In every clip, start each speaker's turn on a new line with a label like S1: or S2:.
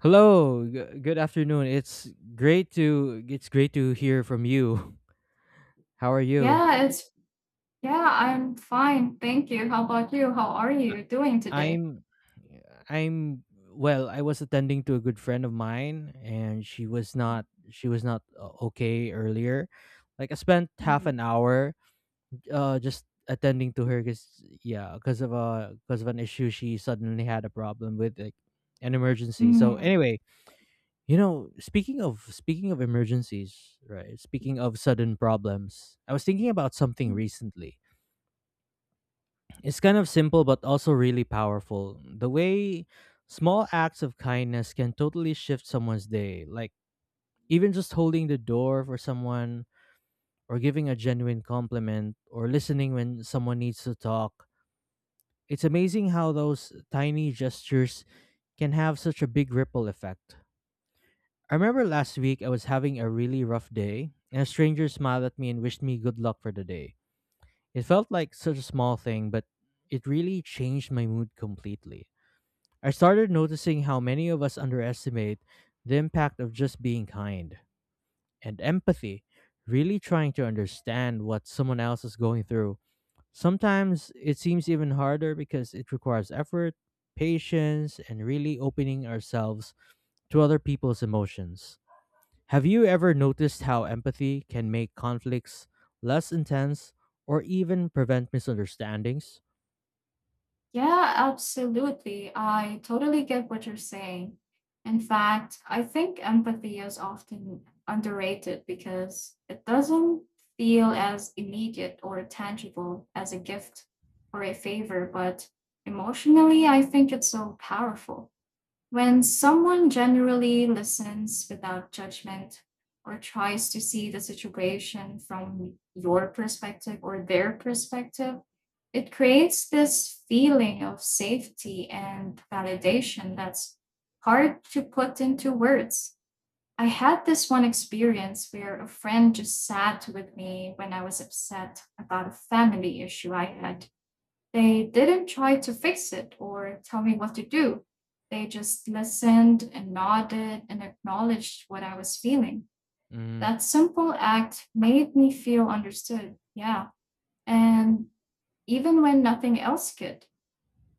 S1: Hello, good afternoon. It's great to hear from you. How are you?
S2: Yeah, it's yeah, I'm fine. Thank you. How about you? How are
S1: I-
S2: you doing today?
S1: I'm I'm well. I was attending to a good friend of mine and she was not okay earlier. Like I spent half
S2: Mm,
S1: an hour just attending to her cuz yeah, cuz of an issue. She suddenly had a problem with, like, an emergency. So
S2: mm.
S1: anyway, speaking of speaking of emergencies, right? Speaking of sudden problems, I was thinking about something recently. It's kind of simple but also really powerful. The way small acts of kindness can totally shift someone's day, like even just holding the door for someone or giving a genuine compliment or listening when someone needs to talk. It's amazing how those tiny gestures can have such a big ripple effect. I remember last week I was having a really rough day, and a stranger smiled at me and wished me good luck for the day. It felt like such a small thing, but it really changed my mood completely. I started noticing how many of us underestimate the impact of just being kind and empathy, really trying to understand what someone else is going through. Sometimes it seems even harder because it requires effort, patience, and really opening ourselves to other people's emotions. Have you ever noticed how empathy can make conflicts less intense or even prevent misunderstandings?
S2: Yeah, absolutely. I totally get what you're saying. In fact, I think empathy is often underrated because it doesn't feel as immediate or tangible as a gift or a favor, but emotionally, I think it's so powerful. When someone generally listens without judgment or tries to see the situation from your perspective or their perspective, it creates this feeling of safety and validation that's hard to put into words. I had this one experience where a friend just sat with me when I was upset about a family issue I had. They didn't try to fix it or tell me what to do. They just listened and nodded and acknowledged what I was feeling.
S1: Mm,
S2: That simple act made me feel understood. Yeah. And even when nothing else could,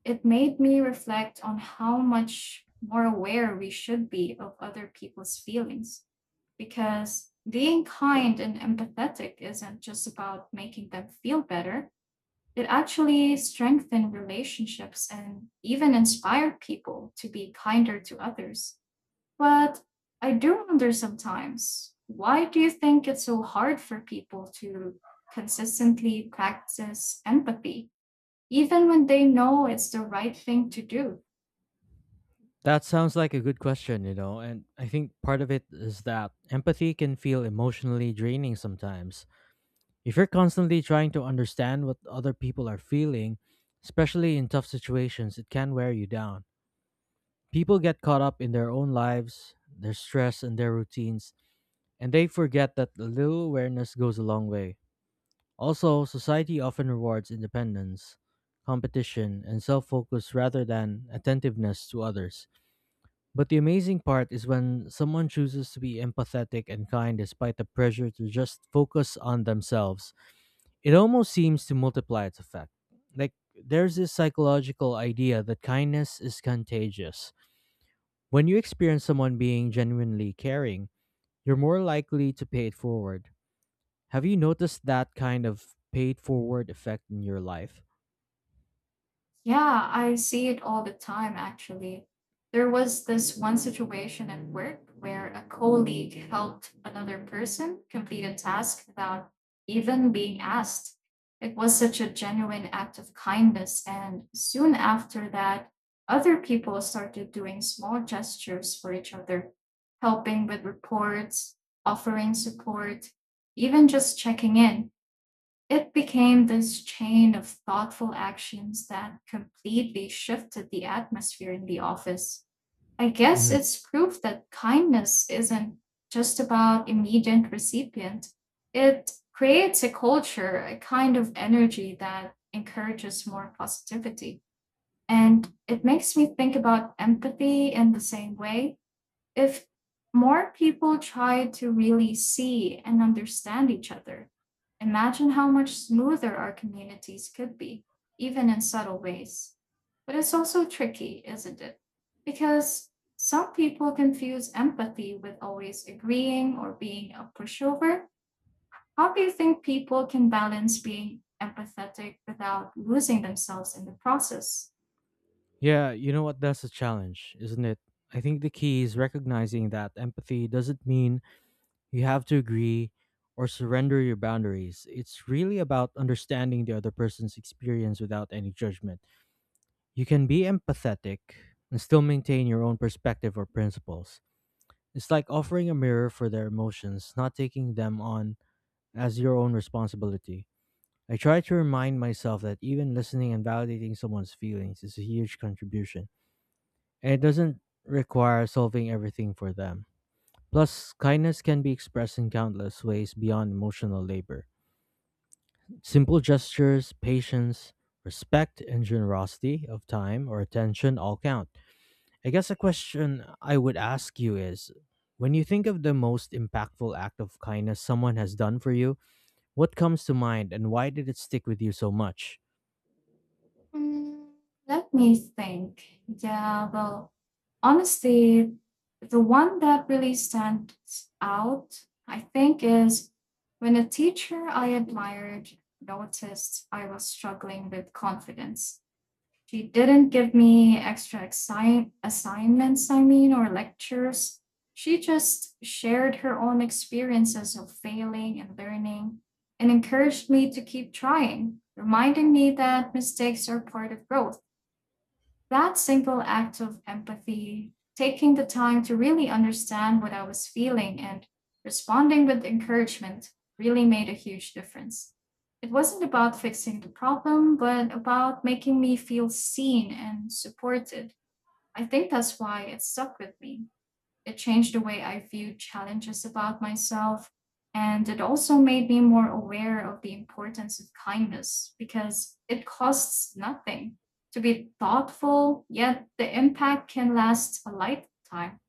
S2: it made me reflect on how much more aware we should be of other people's feelings because being kind and empathetic isn't just about making them feel better. It actually strengthened relationships and even inspired people to be kinder to others. But I do wonder sometimes, why do you think it's so hard for people to consistently practice empathy, even when they know it's the right thing to do?
S1: that sounds like a good question, and I think part of it is that empathy can feel emotionally draining sometimes. If you're constantly trying to understand what other people are feeling, especially in tough situations, it can wear you down. People get caught up in their own lives, their stress, and their routines, and they forget that a little awareness goes a long way. Also, society often rewards independence, competition, and self focus rather than attentiveness to others. But the amazing part is when someone chooses to be empathetic and kind despite the pressure to just focus on themselves, it almost seems to multiply its effect. Like, there's this psychological idea that kindness is contagious. When you experience someone being genuinely caring, you're more likely to pay it forward. Have you noticed that kind of paid forward effect in your life?
S2: Yeah, I see it all the time actually. There was this one situation at work where a colleague helped another person complete a task without even being asked. It was such a genuine act of kindness, and soon after that, other people started doing small gestures for each other, helping with reports, offering support, even just checking in. It became this chain of thoughtful actions that completely shifted the atmosphere in the office. I guess
S1: Mhm.
S2: it's proof that kindness isn't just about immediate recipient. It creates a culture, a kind of energy that encourages more positivity. And it makes me think about empathy in the same way. If more people try to really see and understand each other, imagine how much smoother our communities could be, even in subtle ways. But it's also tricky, isn't it? Because some people confuse empathy with always agreeing or being a pushover. How do you think people can balance being empathetic without losing themselves in the process?
S1: Yeah, you know what? That's a challenge, isn't it? I think the key is recognizing that empathy doesn't mean you have to agree or surrender your boundaries. It's really about understanding the other person's experience without any judgment. You can be empathetic and still maintain your own perspective or principles. It's like offering a mirror for their emotions, not taking them on as your own responsibility. I try to remind myself that even listening and validating someone's feelings is a huge contribution, and it doesn't require solving everything for them. Plus, kindness can be expressed in countless ways beyond emotional labor. Simple gestures, patience, respect, and generosity of time or attention all count. I guess a question I would ask you is, when you think of the most impactful act of kindness someone has done for you, what comes to mind and why did it stick with you so much?
S2: Mm, let me think. Yeah, well, honestly, the one that really stands out, I think, is when a teacher I admired noticed I was struggling with confidence. She didn't give me extra assignments, I mean, or lectures. She just shared her own experiences of failing and learning and encouraged me to keep trying, reminding me that mistakes are part of growth. That single act of empathy, taking the time to really understand what I was feeling and responding with encouragement, really made a huge difference. It wasn't about fixing the problem, but about making me feel seen and supported. I think that's why it stuck with me. It changed the way I viewed challenges about myself. And it also made me more aware of the importance of kindness because it costs nothing to be thoughtful, yet the impact can last a lifetime.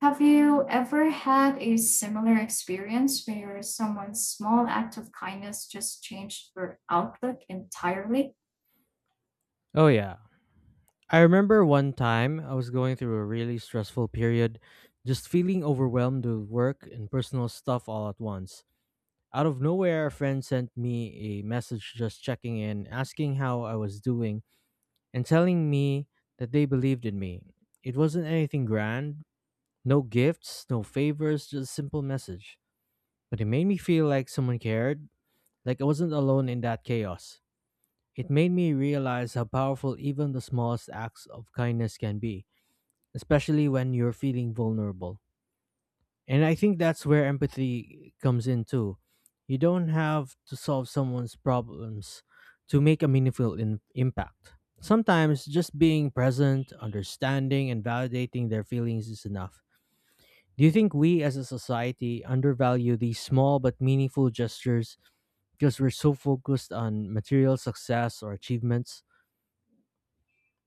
S2: Have you ever had a similar experience where someone's small act of kindness just changed your outlook entirely?
S1: Oh, yeah. I remember one time I was going through a really stressful period, just feeling overwhelmed with work and personal stuff all at once. Out of nowhere, a friend sent me a message just checking in, asking how I was doing, and telling me that they believed in me. It wasn't anything grand, no gifts, no favors, just a simple message. But it made me feel like someone cared, like I wasn't alone in that chaos. It made me realize how powerful even the smallest acts of kindness can be, especially when you're feeling vulnerable. And I think that's where empathy comes in too. You don't have to solve someone's problems to make a meaningful impact. Sometimes just being present, understanding, and validating their feelings is enough. Do you think we as a society undervalue these small but meaningful gestures because we're so focused on material success or achievements?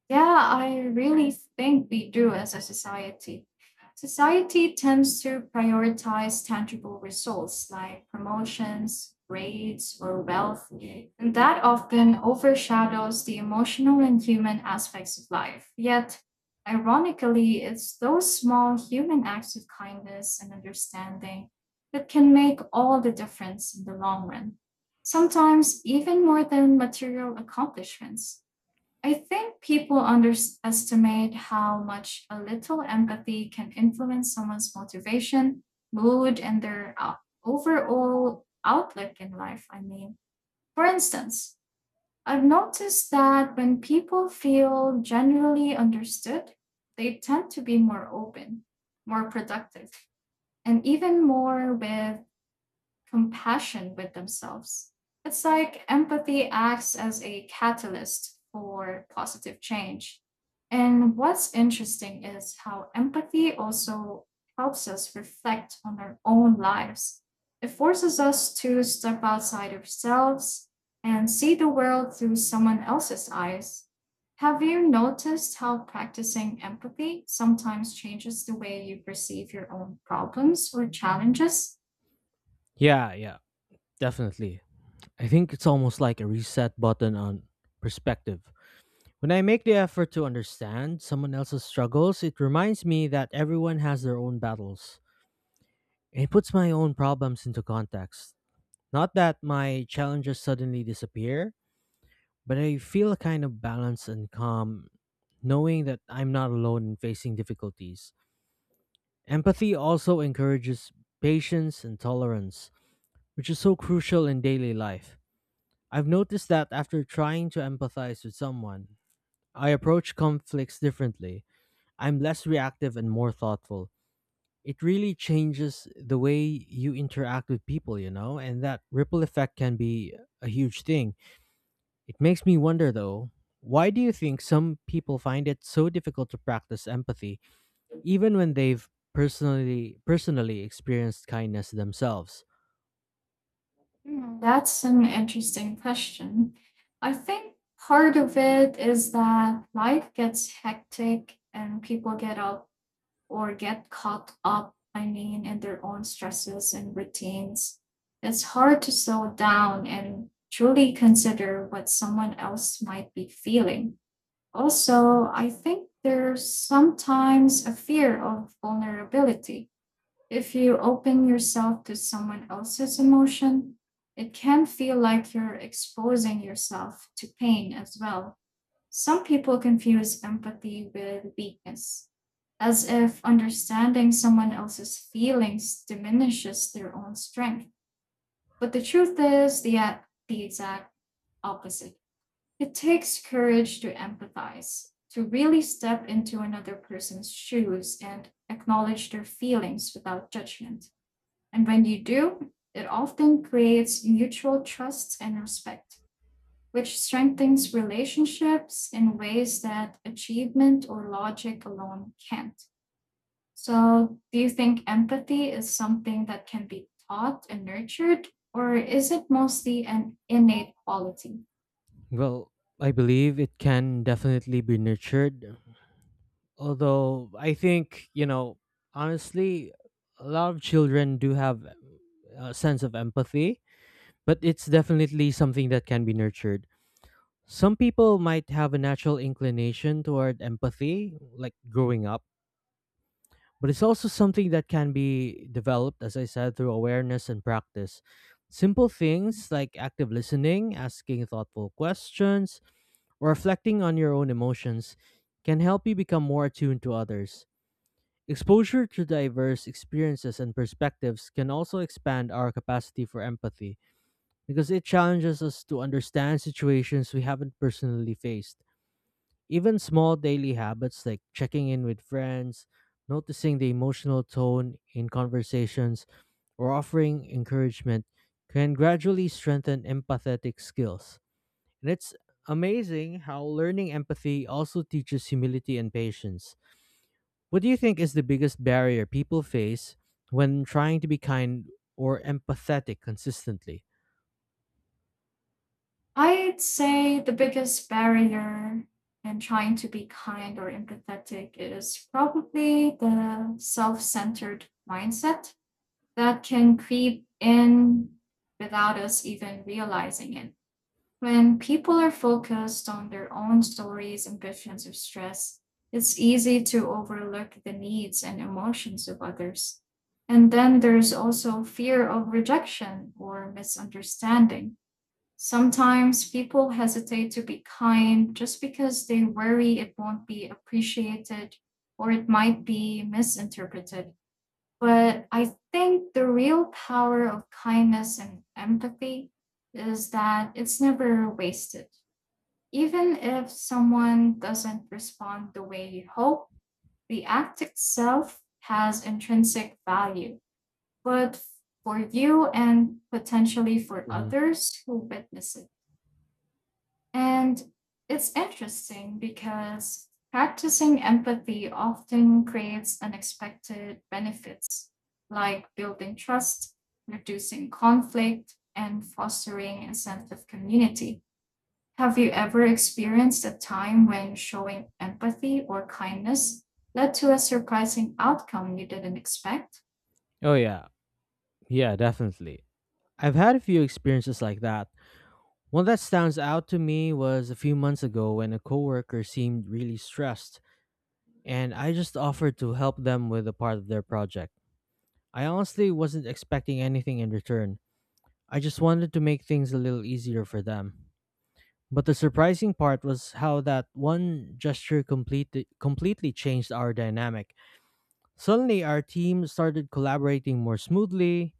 S2: Yeah, I really think we do as a society. Society tends to prioritize tangible results like promotions, grades, or wealth, and that often overshadows the emotional and human aspects of life. Yet, ironically, it's those small human acts of kindness and understanding that can make all the difference in the long run, sometimes even more than material accomplishments. I think people underestimate how much a little empathy can influence someone's motivation, mood, and their overall outlook in life. I mean, for instance, I've noticed that when people feel generally understood, they tend to be more open, more productive, and even more with compassion with themselves. It's like empathy acts as a catalyst for positive change. And what's interesting is how empathy also helps us reflect on our own lives. It forces us to step outside ourselves and see the world through someone else's eyes. Have you noticed how practicing empathy sometimes changes the way you perceive your own problems or challenges?
S1: Yeah, yeah, definitely. I think it's almost like a reset button on perspective. When I make the effort to understand someone else's struggles, it reminds me that everyone has their own battles. It puts my own problems into context. Not that my challenges suddenly disappear, but I feel a kind of balance and calm, knowing that I'm not alone in facing difficulties. Empathy also encourages patience and tolerance, which is so crucial in daily life. I've noticed that after trying to empathize with someone, I approach conflicts differently. I'm less reactive and more thoughtful. It really changes the way you interact with people, and that ripple effect can be a huge thing. It makes me wonder though, why do you think some people find it so difficult to practice empathy even when they've personally experienced kindness themselves?
S2: Hmm. That's an interesting question. I think part of it is that life gets hectic and people get up or get caught up, I mean, in their own stresses and routines. It's hard to slow down and truly consider what someone else might be feeling. Also, I think there's sometimes a fear of vulnerability. If you open yourself to someone else's emotion, it can feel like you're exposing yourself to pain as well. Some people confuse empathy with weakness, as if understanding someone else's feelings diminishes their own strength. But the truth is the exact opposite. It takes courage to empathize, to really step into another person's shoes and acknowledge their feelings without judgment. And when you do, it often creates mutual trust and respect, which strengthens relationships in ways that achievement or logic alone can't. So, do you think empathy is something that can be taught and nurtured, or is it mostly an innate quality?
S1: Well, I believe it can definitely be nurtured, although I think, honestly, a lot of children do have a sense of empathy, but it's definitely something that can be nurtured. Some people might have a natural inclination toward empathy, like growing up, but it's also something that can be developed, as I said, through awareness and practice. Simple things like active listening, asking thoughtful questions, or reflecting on your own emotions can help you become more attuned to others. Exposure to diverse experiences and perspectives can also expand our capacity for empathy, because it challenges us to understand situations we haven't personally faced. Even small daily habits like checking in with friends, noticing the emotional tone in conversations, or offering encouragement can gradually strengthen empathetic skills. And it's amazing how learning empathy also teaches humility and patience. What do you think is the biggest barrier people face when trying to be kind or empathetic consistently?
S2: I'd say the biggest barrier in trying to be kind or empathetic is probably the self centered mindset that can creep in without us even realizing it. When people are focused on their own stories, ambitions, or stress, it's easy to overlook the needs and emotions of others. And then there's also fear of rejection or misunderstanding. Sometimes people hesitate to be kind just because they worry it won't be appreciated or it might be misinterpreted. But I think the real power of kindness and empathy is that it's never wasted. Even if someone doesn't respond the way you hope, the act itself has intrinsic value, but for you and potentially for
S1: Hmm.
S2: others who witness it. And it's interesting because practicing empathy often creates unexpected benefits like building trust, reducing conflict, and fostering a sense of community. Have you ever experienced a time when showing empathy or kindness led to a surprising outcome you didn't expect?
S1: Oh, yeah. Yeah, definitely. I've had a few experiences like that. One that stands out to me was a few months ago when a coworker seemed really stressed, and I just offered to help them with a part of their project. I honestly wasn't expecting anything in return. I just wanted to make things a little easier for them. But the surprising part was how that one gesture completely changed our dynamic. Suddenly our team started collaborating more smoothly.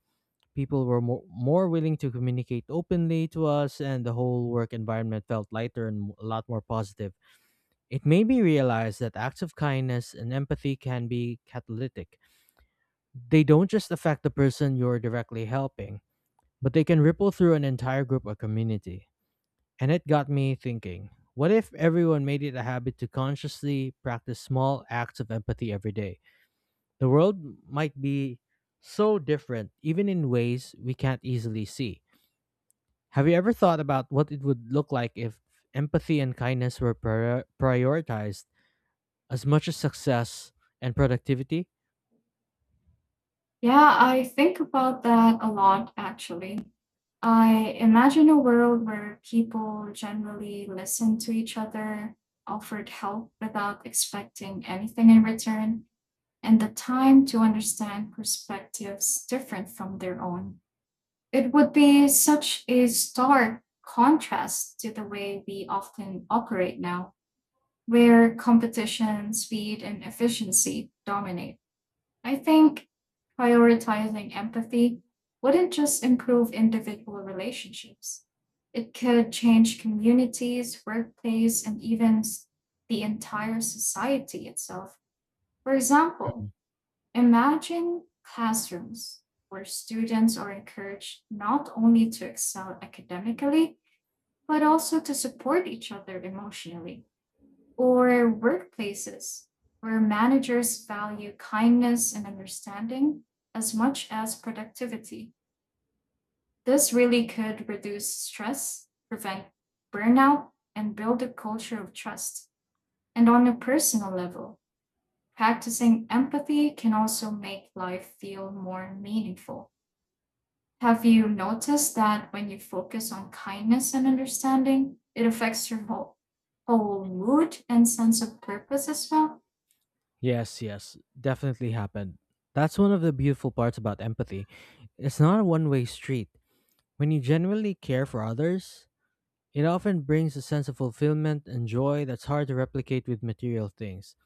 S1: People were more willing to communicate openly to us, and the whole work environment felt lighter and a lot more positive. It made me realize that acts of kindness and empathy can be catalytic. They don't just affect the person you're directly helping, but they can ripple through an entire group or community. And it got me thinking, what if everyone made it a habit to consciously practice small acts of empathy every day? The world might be so different, even in ways we can't easily see. Have you ever thought about what it would look like if empathy and kindness were prioritized as much as success and productivity?
S2: Yeah, I think about that a lot actually. I imagine a world where people generally listen to each other, offered help without expecting anything in return, and the time to understand perspectives different from their own. It would be such a stark contrast to the way we often operate now, where competition, speed, and efficiency dominate. I think prioritizing empathy wouldn't just improve individual relationships, it could change communities, workplace, and even the entire society itself. For example,
S1: Mhm.
S2: imagine classrooms where students are encouraged not only to excel academically, but also to support each other emotionally, or workplaces where managers value kindness and understanding as much as productivity. This really could reduce stress, prevent burnout, and build a culture of trust. And on a personal level, practicing empathy can also make life feel more meaningful. Have you noticed that when you focus on kindness and understanding, it affects your whole mood and sense of purpose as well?
S1: Yes, yes, definitely happened. That's one of the beautiful parts about empathy. It's not a one way street. When you genuinely care for others, it often brings a sense of fulfillment and joy that's hard to replicate with material things.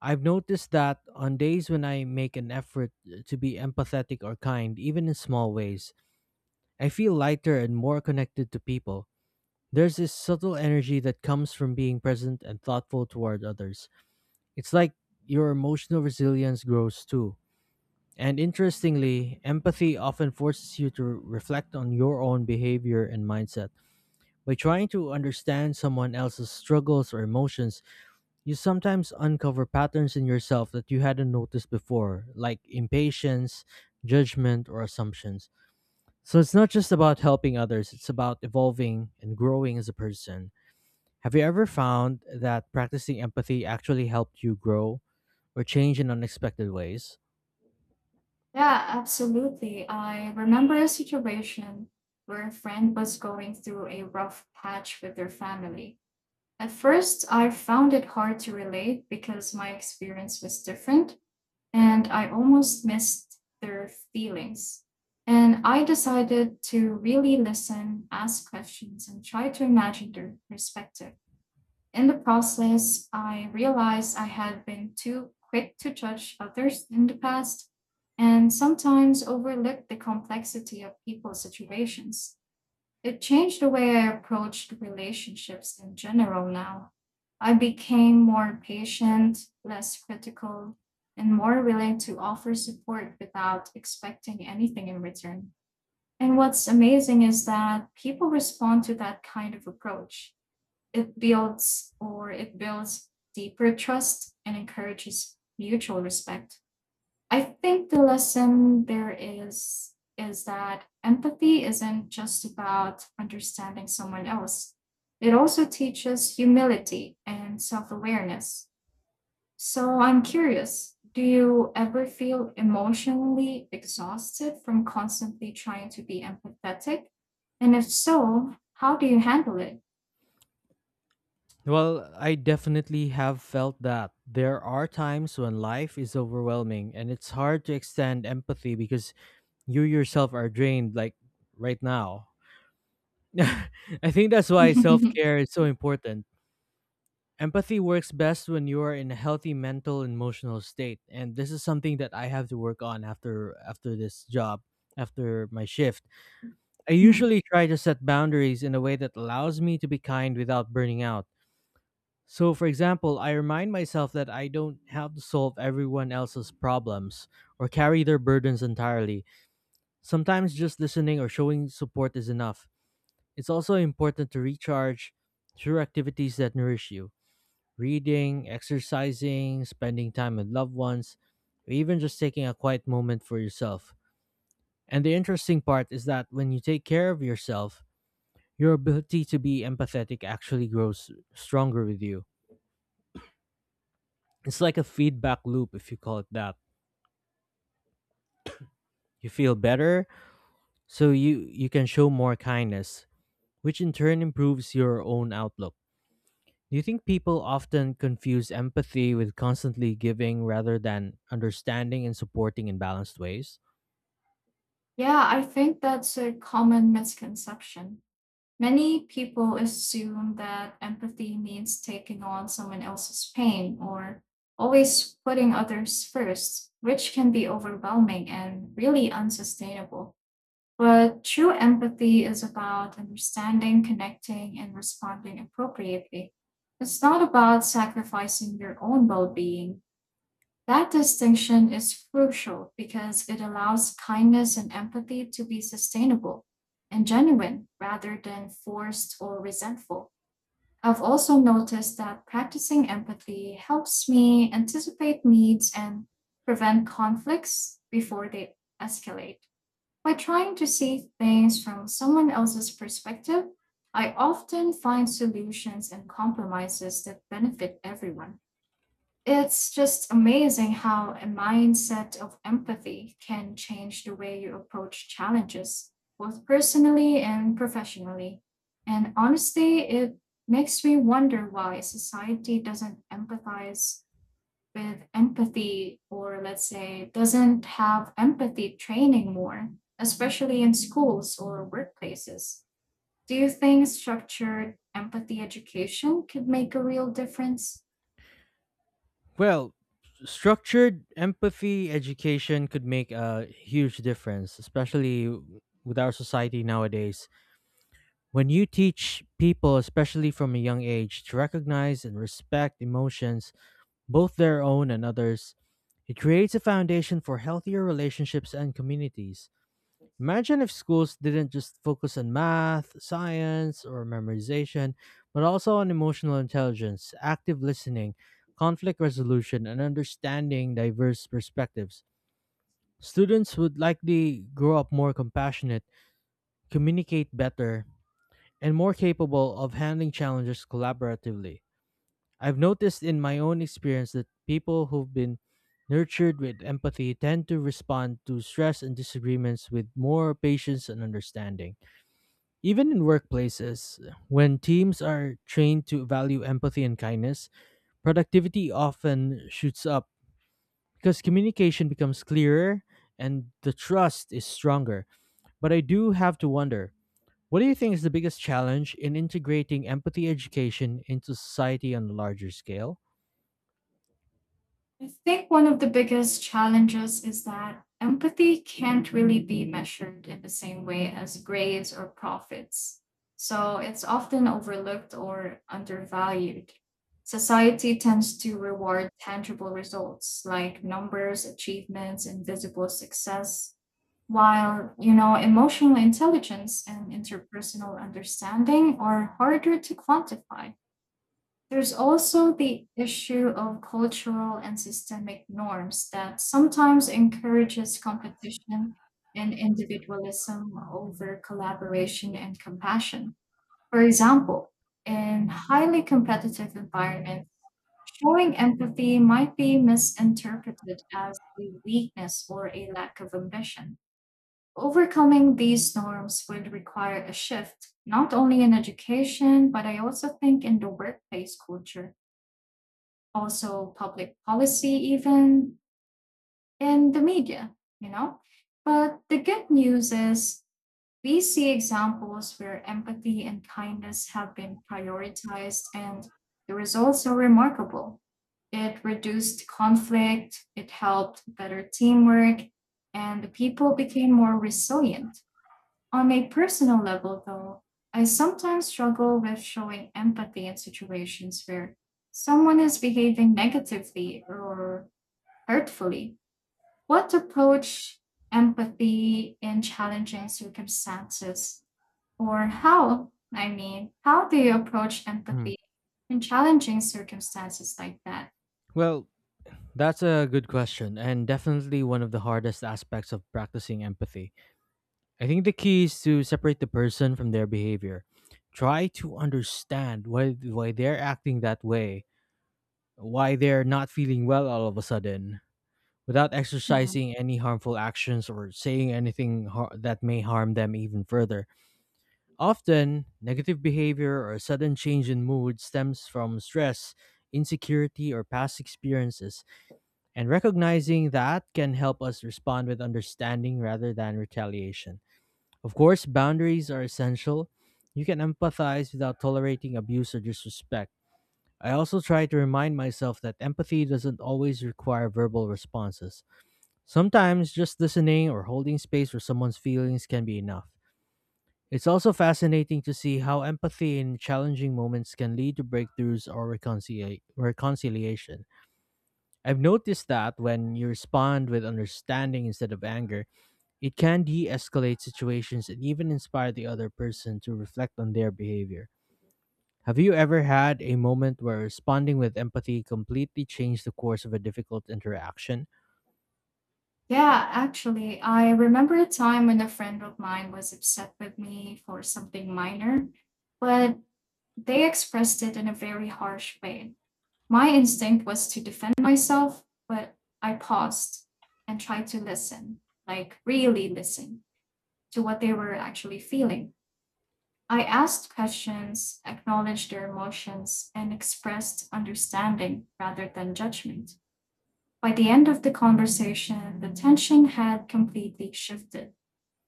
S1: I've noticed that on days when I make an effort to be empathetic or kind, even in small ways, I feel lighter and more connected to people. There's this subtle energy that comes from being present and thoughtful toward others. It's like your emotional resilience grows too. And interestingly, empathy often forces you to reflect on your own behavior and mindset. By trying to understand someone else's struggles or emotions, you sometimes uncover patterns in yourself that you hadn't noticed before, like impatience, judgment, or assumptions. So it's not just about helping others, it's about evolving and growing as a person. Have you ever found that practicing empathy actually helped you grow or change in unexpected ways?
S2: Yeah, absolutely. I remember a situation where a friend was going through a rough patch with their family. At first, I found it hard to relate because my experience was different, and I almost missed their feelings. And I decided to really listen, ask questions, and try to imagine their perspective. In the process, I realized I had been too quick to judge others in the past and sometimes overlooked the complexity of people's situations. It changed the way I approached relationships in general now. I became more patient, less critical, and more willing to offer support without expecting anything in return. And what's amazing is that people respond to that kind of approach. It builds deeper trust and encourages mutual respect. I think the lesson there is that empathy isn't just about understanding someone else. It also teaches humility and self-awareness. So I'm curious, do you ever feel emotionally exhausted from constantly trying to be empathetic? And if so, how do you handle it?
S1: Well, I definitely have felt that. There are times when life is overwhelming and it's hard to extend empathy because you yourself are drained, like right now. I think that's why self care is so important. Empathy works best when you are in a healthy mental and emotional state. And this is something that I have to work on after this job, after my shift. I
S2: Mhm.
S1: usually try to set boundaries in a way that allows me to be kind without burning out. So for example, I remind myself that I don't have to solve everyone else's problems or carry their burdens entirely. Sometimes just listening or showing support is enough. It's also important to recharge through activities that nourish you: reading, exercising, spending time with loved ones, or even just taking a quiet moment for yourself. And the interesting part is that when you take care of yourself, your ability to be empathetic actually grows stronger with you. It's like a feedback loop, if you call it that. You feel better, so you can show more kindness, which in turn improves your own outlook. Do you think people often confuse empathy with constantly giving rather than understanding and supporting in balanced ways?
S2: Yeah, I think that's a common misconception. Many people assume that empathy means taking on someone else's pain or always putting others first, which can be overwhelming and really unsustainable. But true empathy is about understanding, connecting, and responding appropriately. It's not about sacrificing your own well being. That distinction is crucial because it allows kindness and empathy to be sustainable and genuine rather than forced or resentful. I've also noticed that practicing empathy helps me anticipate needs and prevent conflicts before they escalate. By trying to see things from someone else's perspective, I often find solutions and compromises that benefit everyone. It's just amazing how a mindset of empathy can change the way you approach challenges, both personally and professionally. And honestly, it makes me wonder why society doesn't empathize with empathy, or let's say, doesn't have empathy training more, especially in schools or workplaces. Do you think structured empathy education could make a real difference?
S1: Well, structured empathy education could make a huge difference, especially with our society nowadays. When you teach people, especially from a young age, to recognize and respect emotions, both their own and others, it creates a foundation for healthier relationships and communities. Imagine if schools didn't just focus on math, science, or memorization, but also on emotional intelligence, active listening, conflict resolution, and understanding diverse perspectives. Students would likely grow up more compassionate, communicate better, and more capable of handling challenges collaboratively. I've noticed in my own experience that people who've been nurtured with empathy tend to respond to stress and disagreements with more patience and understanding. Even in workplaces, when teams are trained to value empathy and kindness, productivity often shoots up because communication becomes clearer and the trust is stronger. But I do have to wonder, what do you think is the biggest challenge in integrating empathy education into society on a larger scale?
S2: I think one of the biggest challenges is that empathy can't really be measured in the same way as grades or profits. So it's often overlooked or undervalued. Society tends to reward tangible results like numbers, achievements, and visible success, while, you know, emotional intelligence and interpersonal understanding are harder to quantify. There's also the issue of cultural and systemic norms that sometimes encourages competition and individualism over collaboration and compassion. For example, in highly competitive environments, showing empathy might be misinterpreted as a weakness or a lack of ambition. Overcoming these norms would require a shift, not only in education, but I also think in the workplace culture, also public policy, even, and the media, you know. But the good news is we see examples where empathy and kindness have been prioritized, and the results are remarkable. It reduced conflict, it helped better teamwork, and the people became more resilient. On a personal level, though, I sometimes struggle with showing empathy in situations where someone is behaving negatively or hurtfully. What approach empathy in challenging circumstances? Or how, I mean, how do you approach
S1: Mhm.
S2: empathy in challenging circumstances like that?
S1: Well, that's a good question, and definitely one of the hardest aspects of practicing empathy. I think the key is to separate the person from their behavior. Try to understand why they're acting that way, why they're not feeling well all of a sudden, without
S2: Yeah.
S1: exercising any harmful actions or saying anything that may harm them even further. Often, negative behavior or a sudden change in mood stems from stress, insecurity, or past experiences, and recognizing that can help us respond with understanding rather than retaliation. Of course, boundaries are essential. You can empathize without tolerating abuse or disrespect. I also try to remind myself that empathy doesn't always require verbal responses. Sometimes just listening or holding space for someone's feelings can be enough. It's also fascinating to see how empathy in challenging moments can lead to breakthroughs or reconciliation. I've noticed that when you respond with understanding instead of anger, it can de escalate situations and even inspire the other person to reflect on their behavior. Have you ever had a moment where responding with empathy completely changed the course of a difficult interaction?
S2: Yeah, actually, I remember a time when a friend of mine was upset with me for something minor, but they expressed it in a very harsh way. My instinct was to defend myself, but I paused and tried to listen, like really listen to what they were actually feeling. I asked questions, acknowledged their emotions, and expressed understanding rather than judgment. By the end of the conversation, the tension had completely shifted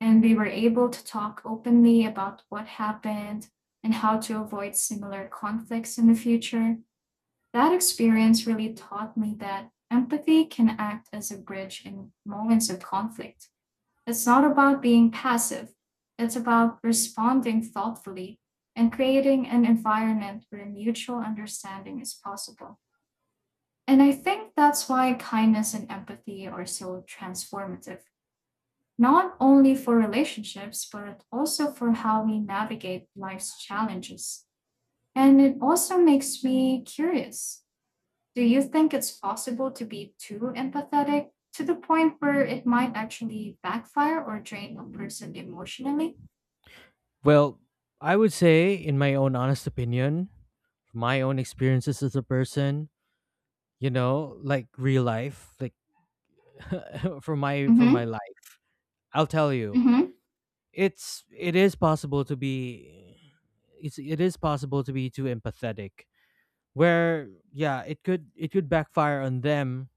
S2: and we were able to talk openly about what happened and how to avoid similar conflicts in the future. That experience really taught me that empathy can act as a bridge in moments of conflict. It's not about being passive, it's about responding thoughtfully and creating an environment where mutual understanding is possible. And I think that's why kindness and empathy are so transformative, not only for relationships, but also for how we navigate life's challenges. And it also makes me curious. Do you think it's possible to be too empathetic to the point where it might actually backfire or drain a person emotionally?
S1: Well, I would say, in my own honest opinion, my own experiences as a person, you know, like real life, like for my
S2: Mm-hmm.
S1: life, I'll tell you,
S2: Mm-hmm.
S1: it's it is possible to be, it's it is possible to be too empathetic where, yeah, it could backfire on them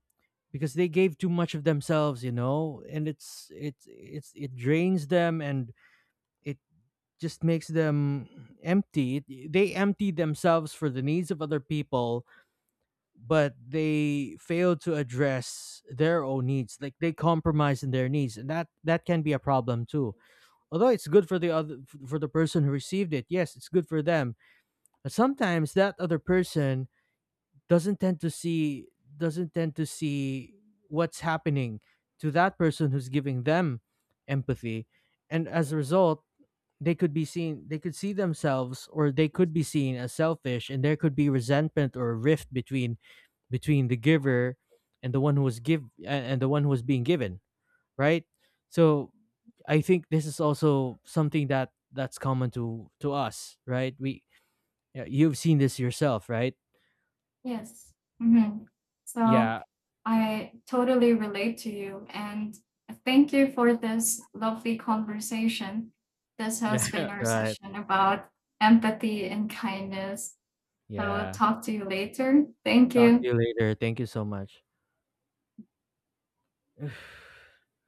S1: because they gave too much of themselves, you know, and it drains them and it just makes them empty. They empty themselves for the needs of other people, but they fail to address their own needs, like they compromise in their needs, and that can be a problem too. Although it's good for the other, for the person who received it, yes, it's good for them, but sometimes that other person doesn't tend to see doesn't tend to see what's happening to that person who's giving them empathy. And as a result, they could see themselves, or they could be seen as selfish, and there could be resentment or a rift between, between the giver and the one who was give a- and the one who was being given, right? So I think this is also something that that's common to us, right? We, yeah, you've seen this yourself, right?
S2: Yes. Hmm. So
S1: Yeah.
S2: I totally relate to you. And thank you for this lovely conversation. This has
S1: Yeah.
S2: been our
S1: Right.
S2: session about empathy and kindness. So,
S1: Yeah.
S2: talk to you later. Thank
S1: Talk to
S2: you.
S1: you later. Thank you so much.